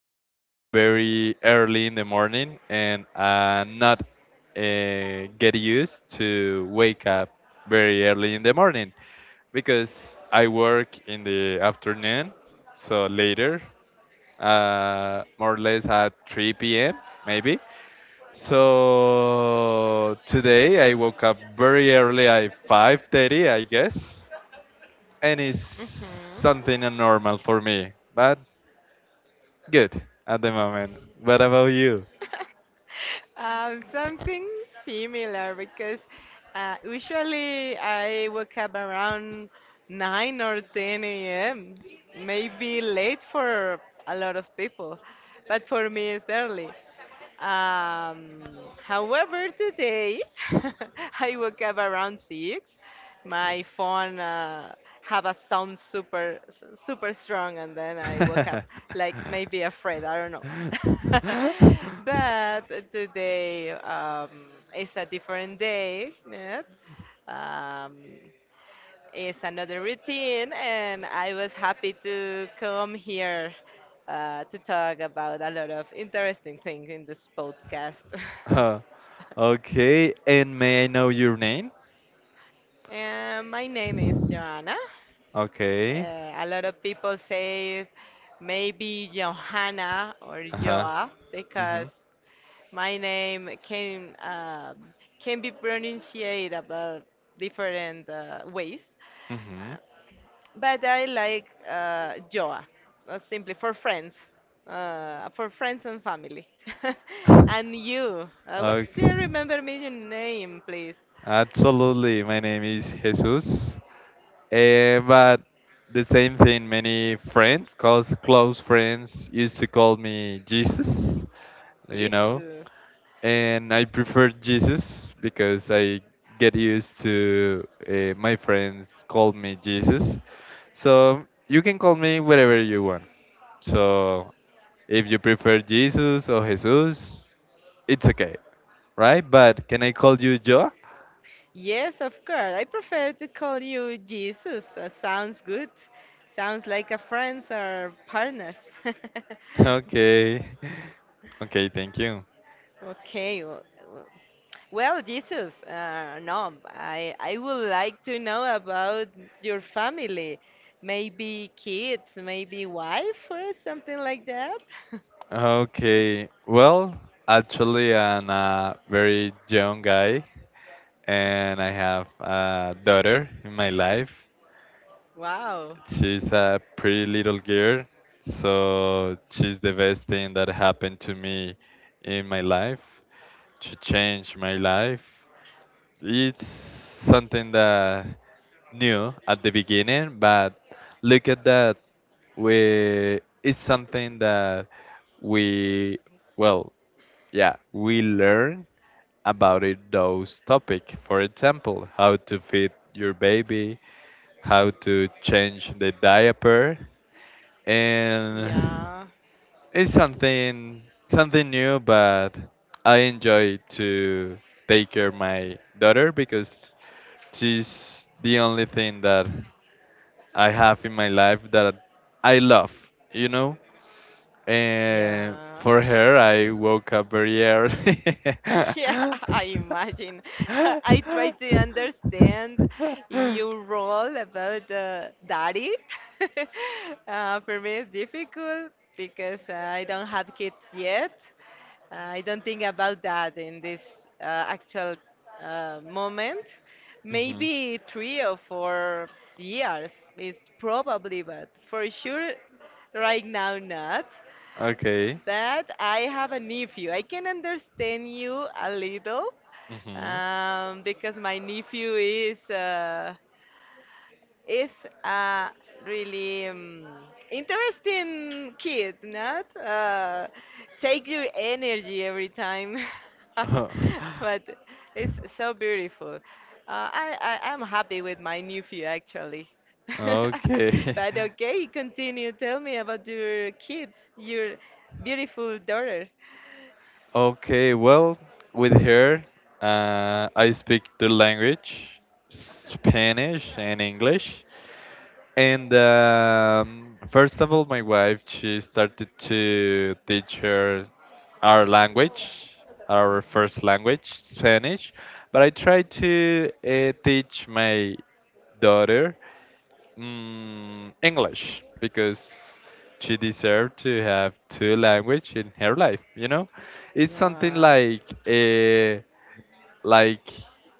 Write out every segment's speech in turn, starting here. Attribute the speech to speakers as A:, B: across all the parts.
A: woke up very early in the morning and not get used to wake up very early in the morning because I work in the afternoon, so later, more or less at 3 p.m. maybe. So today I woke up very early at 5:30, I guess, and it's
B: Mhm.
A: something abnormal for me, but good at the moment. What about you?
B: Something similar because usually I wake up around 9 or 10 a.m., maybe late for a lot of people, but for me it's early. Um, However, today I woke up around six. My phone have a sound super super strong, and then I woke up like maybe afraid. I don't know. But today is a different day. Yes. Um, it's another routine, and I was happy to come here to talk about a lot of interesting things in this podcast.
A: Uh, okay, and may I know your name?
B: My name is Joanna.
A: Okay.
B: A lot of people say maybe Johanna or
A: Uh-huh.
B: Joa
A: Mm-hmm.
B: because my name can be pronunciated about different ways. Uh, but I like Joa, simply for friends and family.
A: Mm-hmm.
B: And you, what do
A: Okay.
B: you remember me your name, please?
A: Absolutely. My name is Jesus. But the same thing, many friends, close friends, used to call me Jesus, you know,
B: Jesus.
A: and I prefer Jesus because I get used to my friends call me Jesus. So you can call me whatever you want. So if you prefer Jesus or Jesus, it's okay, right? But can I call you Joe?
B: Yes, of course. I prefer to call you Jesus. Sounds good. Sounds like a friends or partners.
A: Okay. Okay, thank you.
B: Okay. W- Well, Jesus, no, I would like to know about your family. Maybe kids, maybe wife or something like that.
A: Okay. Well, actually, I'm a very young guy, and I have a daughter in my life.
B: Wow.
A: She's a pretty little girl, so she's the best thing that happened to me in my life. She changed my life. It's something that new at the beginning, but look at that. We it's something that we well yeah, we learn about it those topic. For example, how to feed your baby, how to change the diaper, and
B: Yeah.
A: it's something new. But I enjoy to take care of my daughter because she's the only thing that I have in my life that I love. You know, and
B: Yeah.
A: for her, I woke up very early.
B: Yeah, I imagine. I try to understand
A: Mhm.
B: your role about the daddy. For me, it's difficult because I don't have kids yet. I don't think about that in this actual moment. Maybe 3 or 4 years is probably, but for sure, right now, not
A: Okay.
B: but I have a nephew. I can understand you a little
A: Mhm.
B: because my nephew is a really interesting kid, not? Take your energy every time. But it's so beautiful. Uh, I, I'm happy with my nephew actually.
A: Okay.
B: But okay, continue. Tell me about your kids, your beautiful daughter.
A: Okay, well, with her, I speak the language, Spanish and English. And First of all, my wife she started to teach her our language, our first language, Spanish. But I tried to teach my daughter English because she deserved to have two language in her life. You know, it's something
B: Yeah.
A: like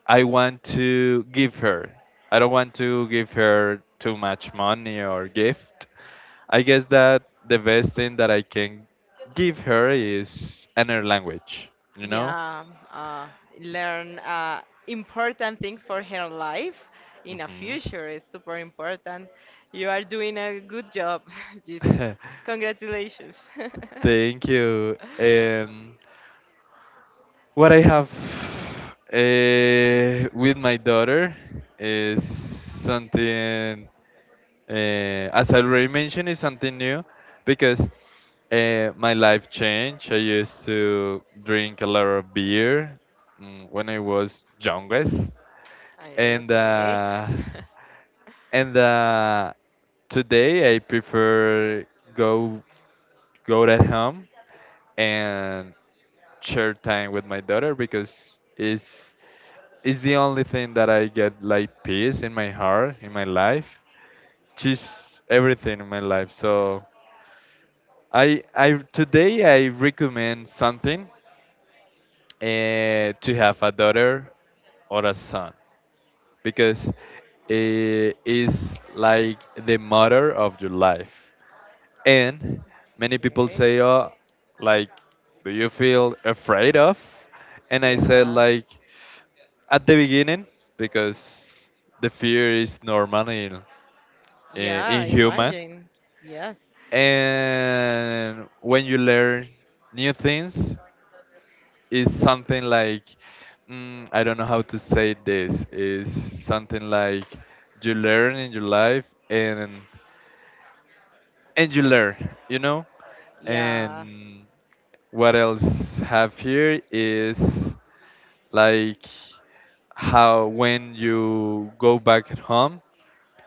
A: I want to give her. I don't want to give her too much money or gift. I guess that the best thing that I can give her is another language, you know?
B: Yeah, uh, learn important things for her life in a
A: Hmm.
B: future is super important. You are doing a good job, Jesus. Congratulations.
A: Thank you. And what I have with my daughter is something. As I already mentioned, it's something new because my life changed. I used to drink a lot of beer, when I was youngest,
B: Ay,
A: and
B: okay.
A: uh, and today I prefer go go at home and share time with my daughter because it's the only thing that I get like peace in my heart in my life. She's everything in my life. So I today I recommend something, to have a daughter or a son because it is like the mother of your life. And many people
B: Okay.
A: say, "Oh, like, do you feel afraid of?" And I said,
B: Yeah.
A: like, at the beginning because the fear is normal in
B: Yeah,
A: human
B: imagine. Yes.
A: and when you learn new things is something like, I don't know how to say this is something like you learn in your life and you learn, you know,
B: Yeah.
A: and what else have here is like how when you go back home,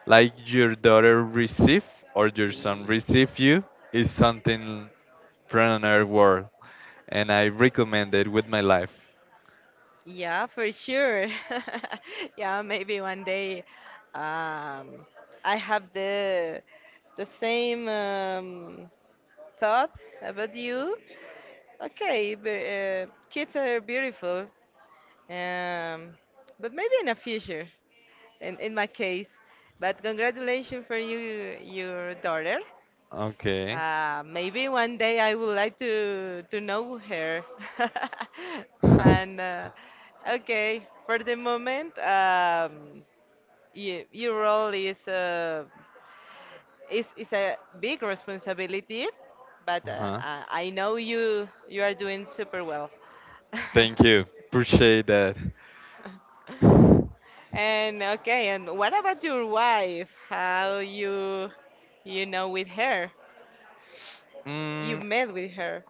A: like your daughter receive or your son
B: He.
A: receive you is something from another world, and I recommend it with my life.
B: Yeah, for sure. Yeah, maybe one day um, I have the same thought about you. Okay, but, kids are beautiful, um, but maybe in the future, in my case. But congratulations for you, your daughter.
A: Okay.
B: Maybe one day I would like to know her.
A: Uh-huh.
B: And okay, for the moment, your role is a big responsibility, but I know you are doing super well.
A: Thank you, appreciate that.
B: And okay, and what about your wife? How you know with her? You
A: mm,
B: met with her.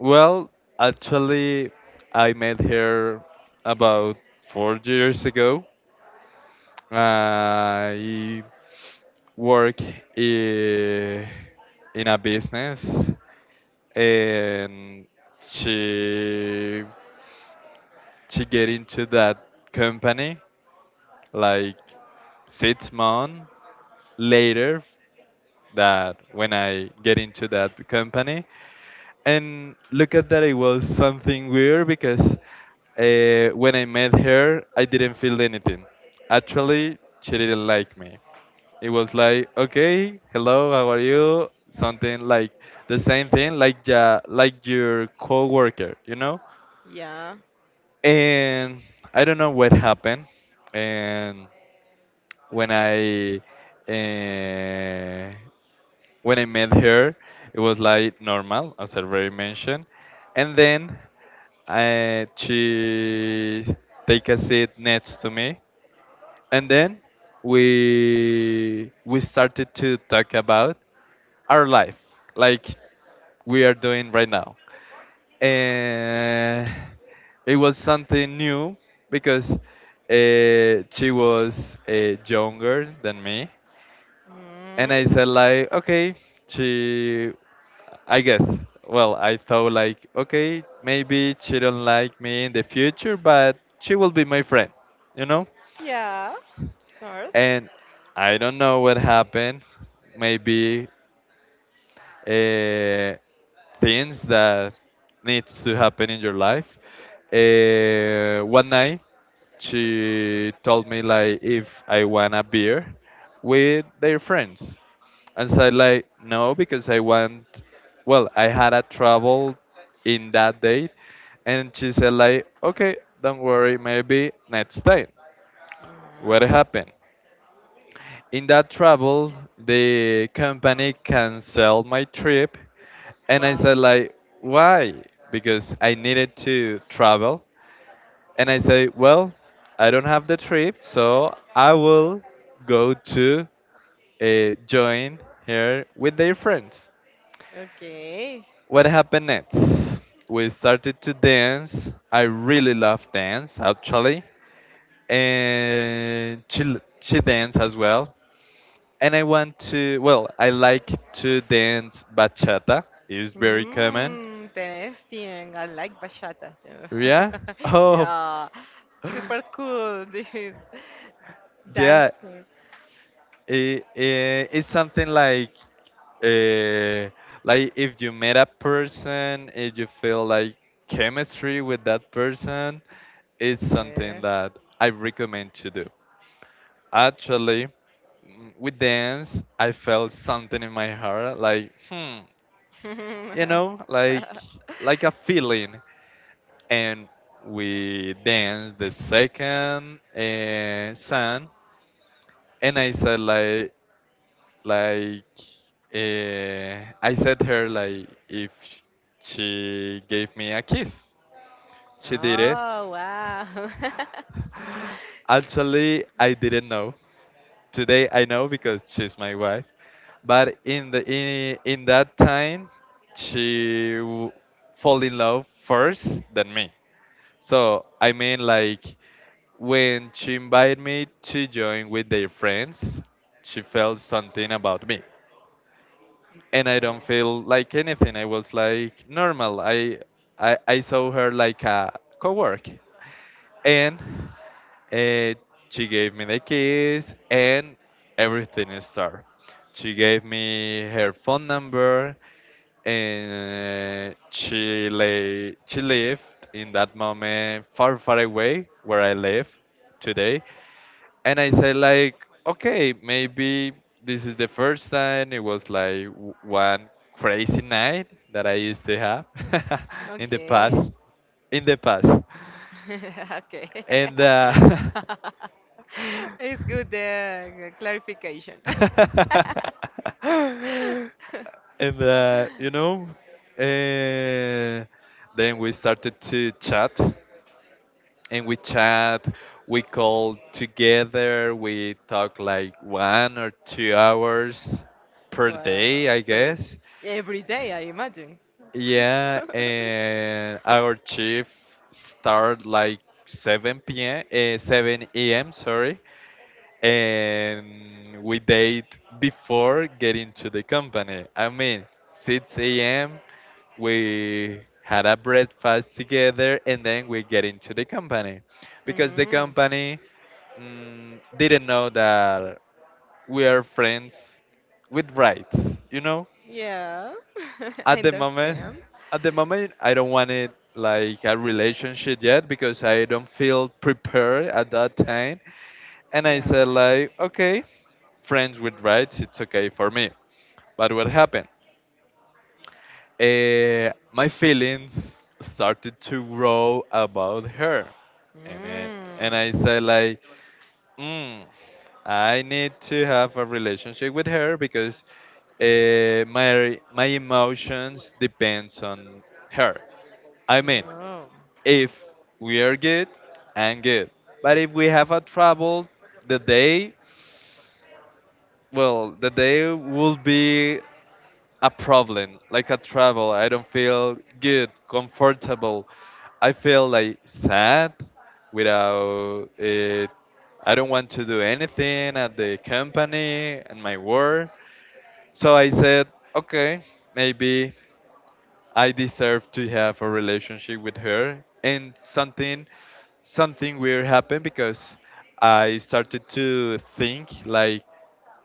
A: well, actually I met her about 4 years ago. i work i- in a business, and she to get into that company like 6 months later. That when I get into that company and look at that it was something weird because when I met her I didn't feel anything. Actually she didn't like me. It was like okay, hello, how are you? Something like the same thing
B: Okay.
A: like ja, like your coworker, you know?
B: Yeah.
A: And I don't know what happened and when I uh, when I met her, it was like normal, as I already mentioned, and then she take a seat next to me, and then we started to talk about our life, like we are doing right now, and it was something new because she was younger than me and
B: Mm.
A: I said like, okay, she, I guess. Well, I thought like, okay, maybe she don't like me in the future, but she will be my friend, you know.
B: Yeah. Of course.
A: And I don't know what happened. Maybe uh, things that needs to happen in your life. One night, she told me like if I want a beer with their friends. And so I like no because I want, well, I had a trouble in that date and she said like okay, don't worry, maybe next time. What
B: Yeah.
A: happened? In that travel the company canceled my trip and I
B: Wow.
A: said like why? Because I needed to travel and I say, well, I don't have the trip, so I will go to join her with their friends.
B: Okay.
A: What happened next? We started to dance. I really love dance, actually, and she dance as well. And I want to. Well, I like to dance bachata. It's very common.
B: Mm, interesting. I like bachata too.
A: Yeah. Oh,
B: Yeah. Super cool. This
A: yeah.
B: dancer.
A: It's something uh, like if you met a person, if you feel like chemistry with that person, it's something
B: Yeah.
A: that I recommend to do. Actually, with dance, I felt something in my heart, like hmm, you know, like a feeling. And we danced the second song, and I said like, I said her like if she gave me a kiss. She did it.
B: Oh, wow.
A: Actually, I didn't know. Today I know because she's my wife. But in that time, she w- fall in love first than me. So I mean, like when she invited me to join with their friends, she felt something about me, and I don't
B: Yeah.
A: feel like anything. I was like normal. I saw her like a coworker and uh, she gave me the keys and everything is started. She gave me her phone number and she lived in that moment far far away where I live today and I said like okay maybe this is the first time it was like one crazy night that I used to have in the
B: Okay.
A: past in the past
B: Okay.
A: and and
B: It's good the clarification.
A: you know, uh, then we started to chat, and we chat, we call together, we talk like 1 or 2 hours per
B: Wow.
A: day, I guess.
B: Every day, I imagine.
A: Yeah, and our chief start like 7 p.m. Uh, 7 a.m. Sorry, and we date before getting to the company. I mean, 6 a.m. we had a breakfast together, and then we get into the company because the
B: Mm.
A: company, didn't know that we are friends with rights. You know,
B: Yeah, I
A: at the moment,
B: understand.
A: at the moment, I don't want it like a relationship yet because I don't feel prepared at that time. And I said
B: Yeah.
A: like, okay, friends with rights, it's okay for me. But what happened? My feelings started to grow about her, and uh, and I said
B: Mm.
A: like, mm, I need to have a relationship with her because my emotions depends on her. I mean, if we are good, I'm good. But if we have a trouble, the day, well, the day will be a problem, like a trouble. I don't feel good, comfortable. I feel like sad without it. I don't want to do anything at the company and my work. So I said, okay, maybe I deserve to have a relationship with her. And something weird happened because I started to think like,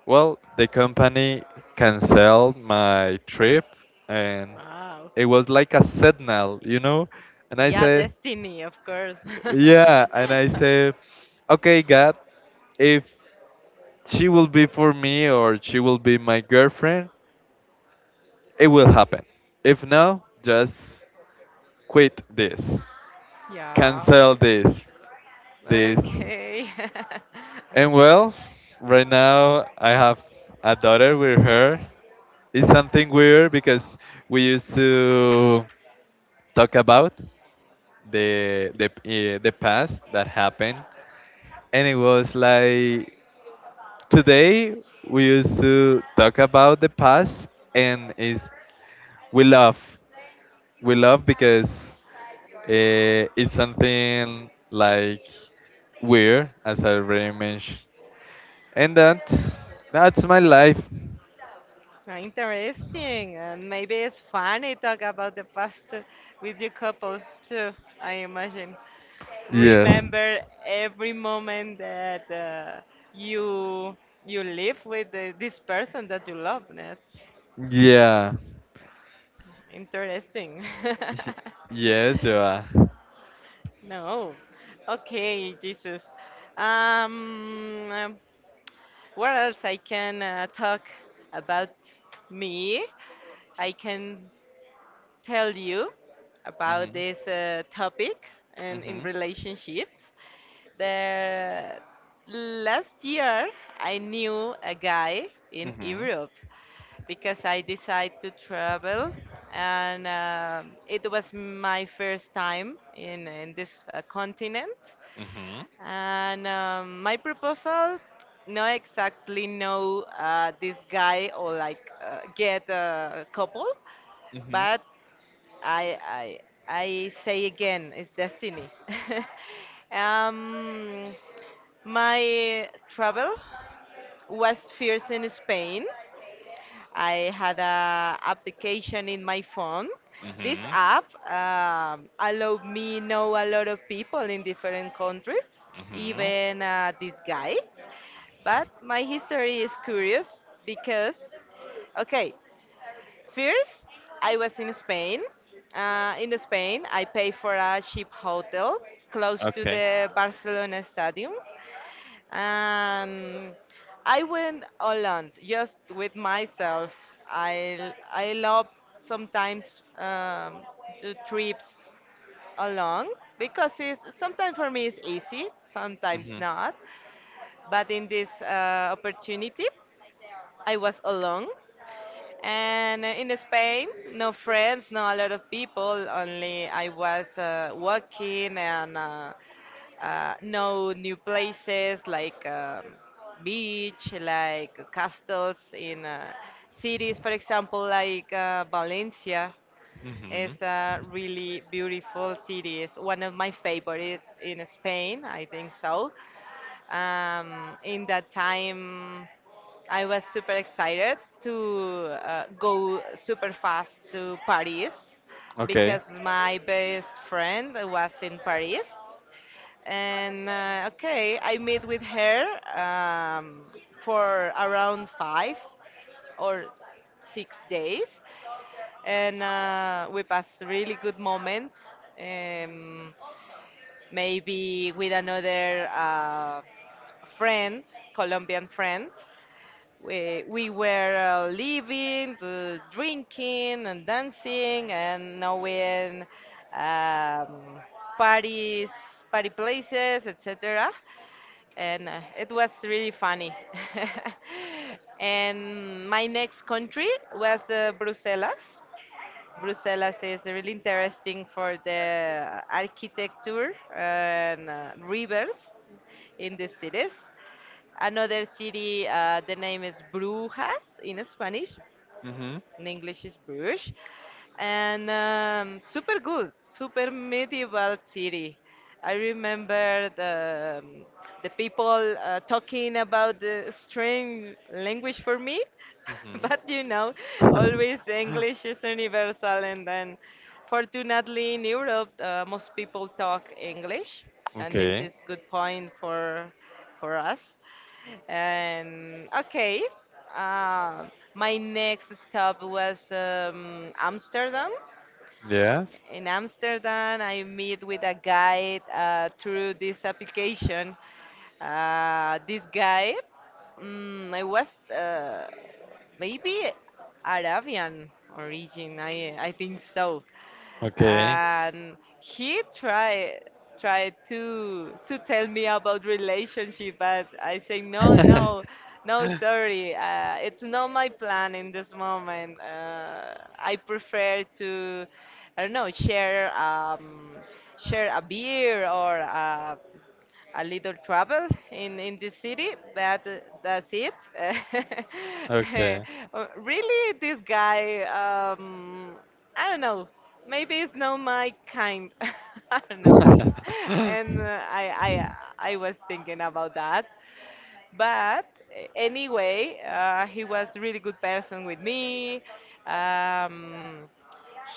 A: well, the company canceled my trip and
B: Oh.
A: it was like a signal, you know? And I
B: Yeah,
A: say,
B: destiny, of course.
A: yeah, and I say, okay, God, if she will be for me or she will be my girlfriend, it will happen. If no, just quit this,
B: Yeah.
A: cancel this.
B: Okay.
A: And well, right now I have a daughter with her. It's something weird because we used to talk about the past that happened and it was like today we used to talk about the past and is we love we love because it's something like weird as I already mentioned and that that's my life.
B: Interesting. And maybe it's funny talk about the past with your couple too, I imagine.
A: Yes.
B: Remember every moment that you you live with this person that you love. That's
A: Yeah.
B: interesting.
A: Yes you are.
B: No. Okay, Jesus. Um, um, what else I can talk about me? I can tell you about
A: Hmm.
B: this topic and
A: Hmm.
B: in relationships. The last year I knew a guy
A: Hmm.
B: in
A: Hmm.
B: Europe because I decided to travel and it was my first time in this continent and my proposal, not exactly know this guy or like get a couple,
A: Hmm.
B: but I I I say again, it's destiny. um, my travel was first in Spain. I had a application in my phone. This
A: Hmm.
B: app allowed me know a lot of people in different countries,
A: Hmm.
B: even this guy. But my history is curious because, okay, first I was in Spain. In Spain, I paid for a cheap hotel close to
A: Okay.
B: the Barcelona Stadium. Um, I went alone, just with myself. I love sometimes do trips along because it's sometimes for me it's easy, sometimes
A: Mhm.
B: not. But in this opportunity, I was alone and in Spain, no friends, no a lot of people. Only I was walking and no new places like beach, like castles in cities. For example, like Valencia is
A: Mhm.
B: a really beautiful city. It's one of my favorite in Spain. I think so. In that time. I was super excited to go super fast to Paris
A: Okay.
B: because my best friend was in Paris. And okay, I met with her um, for around 5 or 6 days. And we passed really good moments. Um, Maybe with another friend, Colombian friend we were living, drinking and dancing and knowing um, parties, party places, etc. And it was really funny. And my next country was Brussels. Brussels is really interesting for the architecture and rivers in the cities. Another city, the name is Brujas in Spanish,
A: Mhm.
B: in English is Bruges, and super good, super medieval city. I remember the people talking about the strange language for me,
A: Mhm.
B: but always English is universal, and then fortunately in Europe most people talk English, and this
A: Okay.
B: is good point for us. And okay, uh, my next stop was Amsterdam.
A: Yes.
B: In Amsterdam, I meet with a guide through this application. This guy, I was maybe Arabian origin. I think so.
A: Okay.
B: And he tried to tell me about relationship, but I say no, no, no, sorry. It's not my plan in this moment. I prefer to, I don't know, share a beer or a little trouble in this city, but that's it.
A: Okay.
B: Really, this guy, I don't know. Maybe it's not my kind. I don't know. And I was thinking about that, but anyway, he was really good person with me. Um,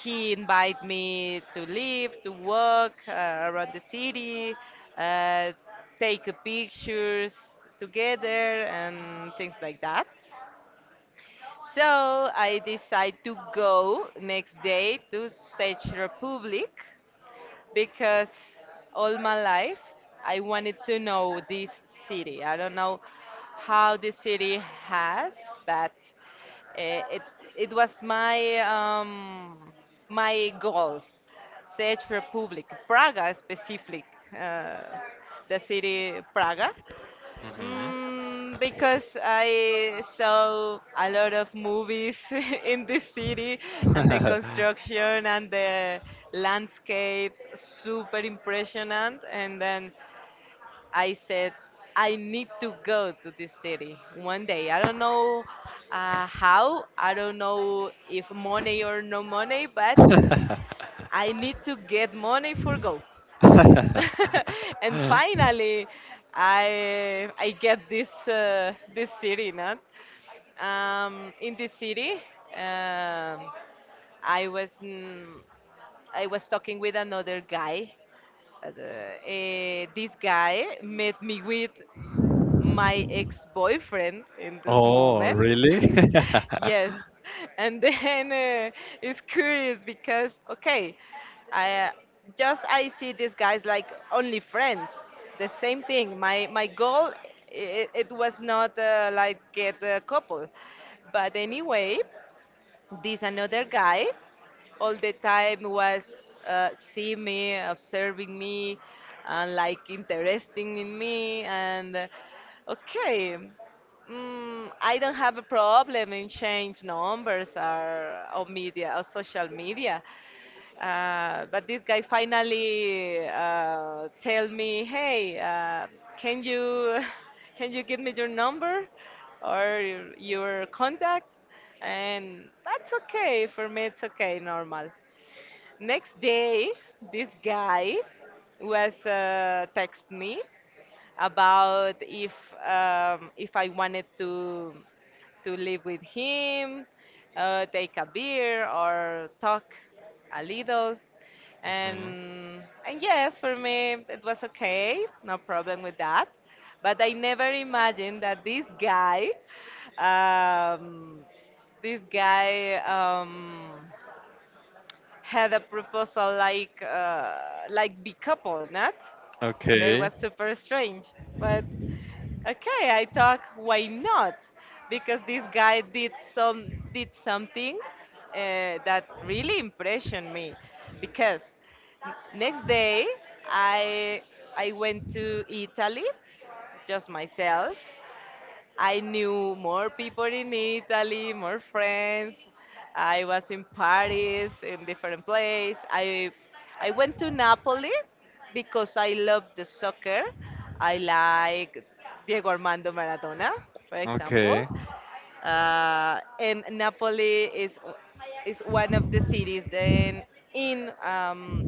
B: he invited me to live, to walk around the city, uh, take pictures together, and things like that. So I decide to go next day to Czech Republic because all my life I wanted to know this city. I don't know how the city has, but uh, it it was my my goal Czech Republic, Praga specific, uh, the city Praga,
A: Mhm.
B: because I saw a lot of movies in this city and the construction and the landscapes, super impressionant. And then I said, I need to go to this city one day. I don't know how, I don't know if money or no money, but I need to get money for go. And finally, I get this city, not? In this city, um, I was mm, I was talking with another guy. This guy met me with my ex-boyfriend in this
A: Oh,
B: moment.
A: really?
B: Yes. And then it's curious because okay, I just I see these guys like only friends. The same thing. My goal it was not like get a couple. But anyway, this another guy all the time was see me, observing me, and like interesting in me. And okay, I don't have a problem in change numbers or media or social media. But this guy finally tell me, hey, can you can you give me your number or your contact? And that's okay for me. It's okay, normal. Next day, this guy was text me about if I wanted to live with him, take a beer or talk a little,
A: Mhm.
B: and yes, for me it was okay, no problem with that. But I never imagined that this guy, um, this guy. Um, had a proposal like be couple, not? That
A: Okay.
B: was super strange. But okay, I thought why not? Because this guy did something that really impressioned me. Because next day I I went to Italy just myself. I knew more people in Italy, more friends. I was in Paris, in different place. I went to Napoli because I love the soccer. I like Diego Armando Maradona, for example.
A: Okay.
B: And Napoli is one of the cities then in um,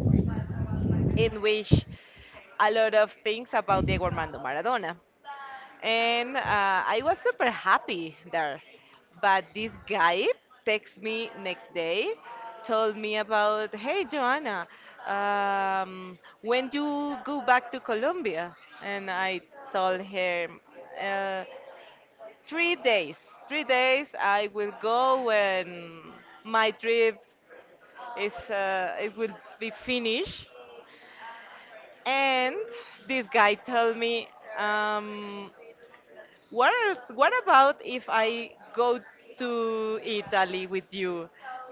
B: in which a lot of things about Diego Armando Maradona and I was super happy there. But this guy texted me next day, told me about, hey, Joanna, when you go back to Colombia, and I told her, uh, 3 days, 3 days I will go when my trip is, it will be finished. And this guy told me, um, What else? What about if I go to Italy with you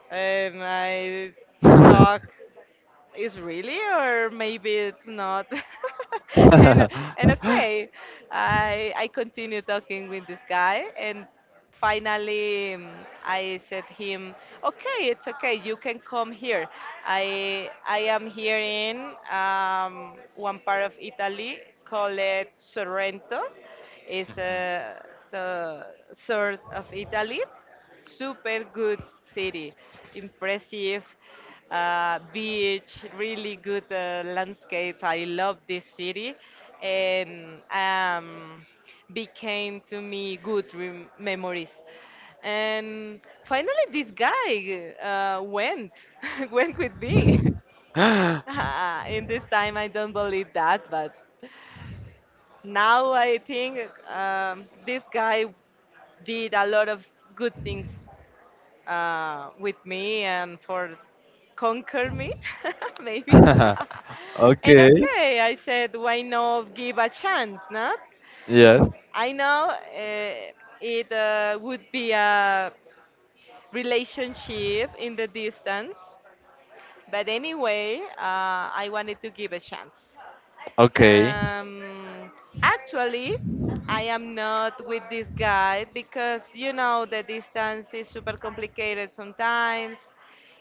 B: and I talk? Is really or maybe it's not. and and
A: Mhm.
B: okay, I continue talking with this guy, and finally I said him, okay, it's okay, you can come here. I am here in one part of Italy called Sorrento. Is the south of Italy. Super good city, impressive beach, really good landscape. I love this city, and became to me good memories. And finally, this guy went went with me.
A: Okay.
B: Ah, in this time, I don't believe that, but now I think this guy did a lot of good things with me and for conquer me, maybe. And okay, I said, why not give a chance, not?
A: Yes.
B: I know it would be a relationship in the distance, but anyway, I wanted to give a chance.
A: Okay.
B: Um, Actually, I am not with this guy because you know the distance is super complicated sometimes.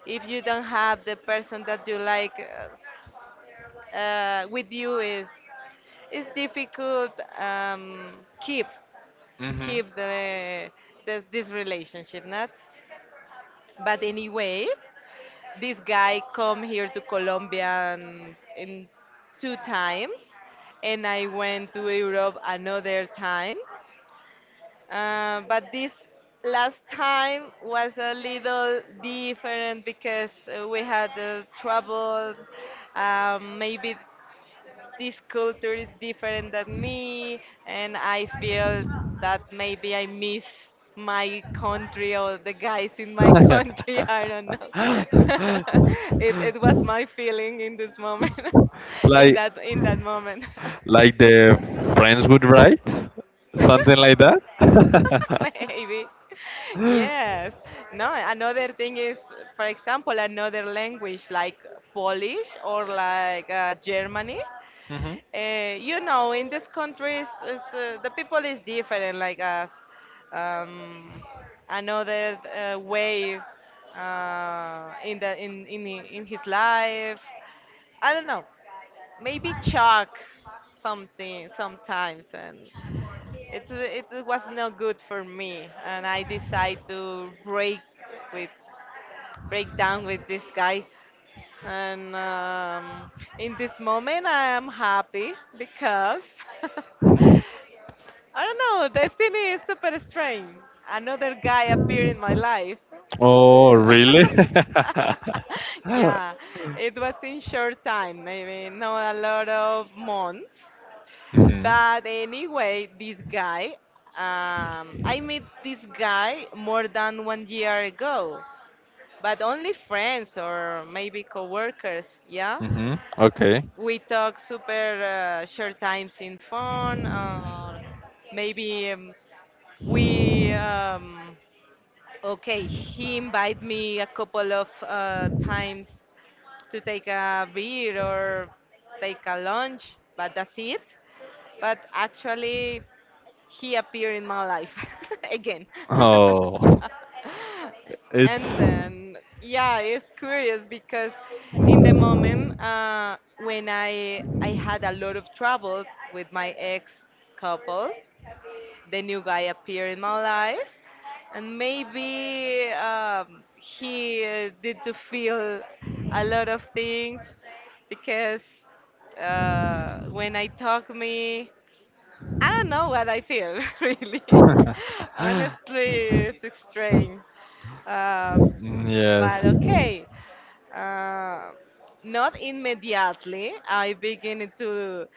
B: If you don't have the person that you like with you, is it's difficult keep
A: Mm-hmm.
B: keep the this relationship, not. But anyway, this guy come here to Colombia in two times, and I went to Europe another time. But this last time was a little different because we had troubles. Maybe this culture is different than me, and I feel that maybe I miss my country or the guys in my country. I don't know. It was my feeling in this moment, in
A: like
B: that moment.
A: like the friends would write something like that.
B: Maybe.
A: Hmm.
B: Yes. No, another thing is, for example, another language like Polish or like Germany. You know, in these countries, is, the people is different, like us. Um, another way in the in hi- in his life. I don't know. Maybe shock something sometimes, and it was not good for me, and I decide to break with, break down with this guy. And in this moment, I am happy because I don't know, destiny is super strange. Another guy appeared in my life.
A: Oh,
B: Yeah.
A: really?
B: Yeah, it was in short time, maybe not a lot of months.
A: Hmm.
B: But anyway, this guy, I met this guy more than one year ago, but only friends or maybe coworkers, yeah.
A: Hmm. Okay.
B: We talk super short times in phone, or maybe we okay, he invite me a couple of times to take a beer or take a lunch, but that's it. But actually, he appeared in my life again.
A: Oh,
B: And
A: it's.
B: then, yeah, it's curious because in the moment when I had a lot of troubles with my ex couple, the new guy appeared in my life. And maybe he did to feel a lot of things, because when I talk me, I don't know what I feel. Really, honestly, it's strange. um, but
A: Yes.
B: okay, uh, not immediately. I begin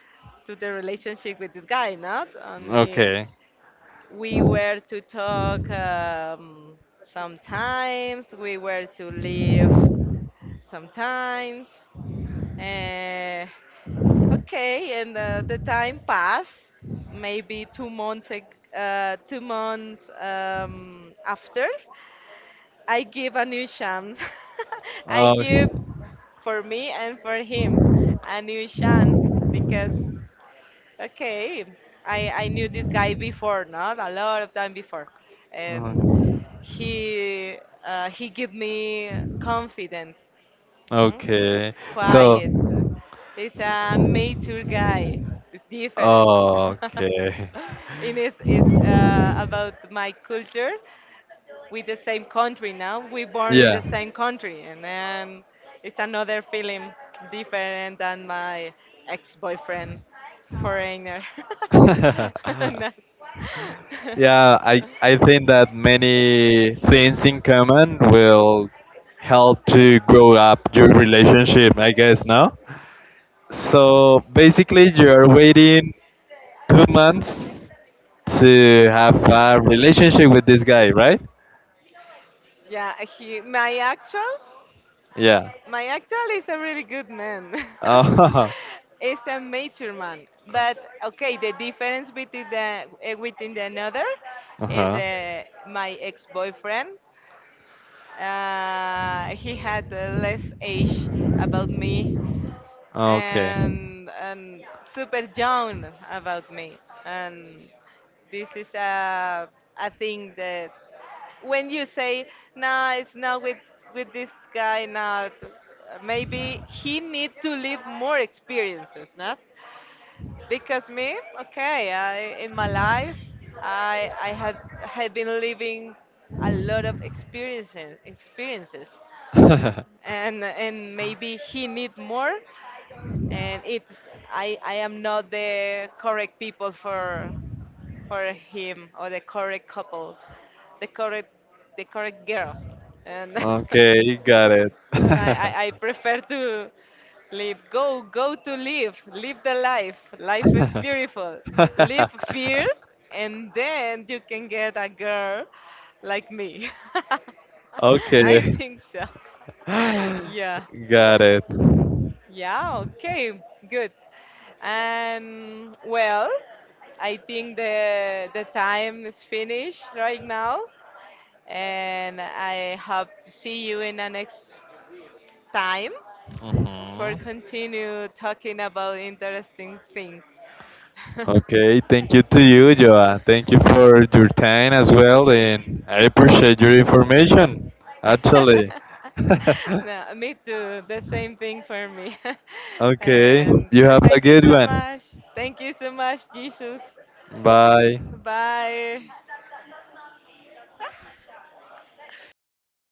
B: to the relationship with this guy. Not, and
A: Okay.
B: we were to talk sometimes. We were to live sometimes. Uh, okay, and the time passed. Maybe two months. Two months after. I give a new chance. I give,
A: Oh,
B: for me and for him, a new chance because, okay, I knew this guy before, not a lot of time before, and he he give me confidence. mm,
A: okay. So,
B: Quiet. He's a mature guy. It's different.
A: okay.
B: And it's about my culture with the same country. Now, we born in the
A: Yeah.
B: same country, and then it's another feeling, different than my ex-boyfriend, foreigner. No.
A: Yeah, I think that many things in common will help to grow up your relationship, I guess, no? So basically, you are waiting 2 months to have a relationship with this guy, right?
B: Yeah, he my actual,
A: Yeah.
B: my actual is a really good man.
A: Uh
B: It's a mature man. But okay, the difference between the eh, within the another is
A: huh.
B: my ex-boyfriend. He had less age about me,
A: Okay.
B: and super young about me. And this is a thing that when you say, nah, it's not with with this guy, not. Maybe he need to live more experiences, not? Because me, okay, I in my life, I had been living a lot of experiences, experiences, and maybe he need more. And it's, I am not the correct people for him, or the correct couple, the correct, the correct girl, and
A: Okay, you got it.
B: okay. and I, I, I prefer to live. Go to live. Live the life. Life is beautiful. Live fierce, and then you can get a girl like me. Okay. I
A: Okay.
B: think so. Yeah.
A: Got it.
B: Yeah, okay, good. And well, I think the time is finished right now, and I hope to see you in the next time for
A: Hmm.
B: continue talking about interesting things.
A: Okay, thank you to you, Joa. Thank you for your time as well, and I appreciate your information, actually.
B: No, me too. The same thing for me.
A: Okay,
B: And,
A: you have
B: and
A: a
B: thank you
A: good
B: so
A: one.
B: much. Thank you so much, Jesus.
A: Bye.
B: Bye.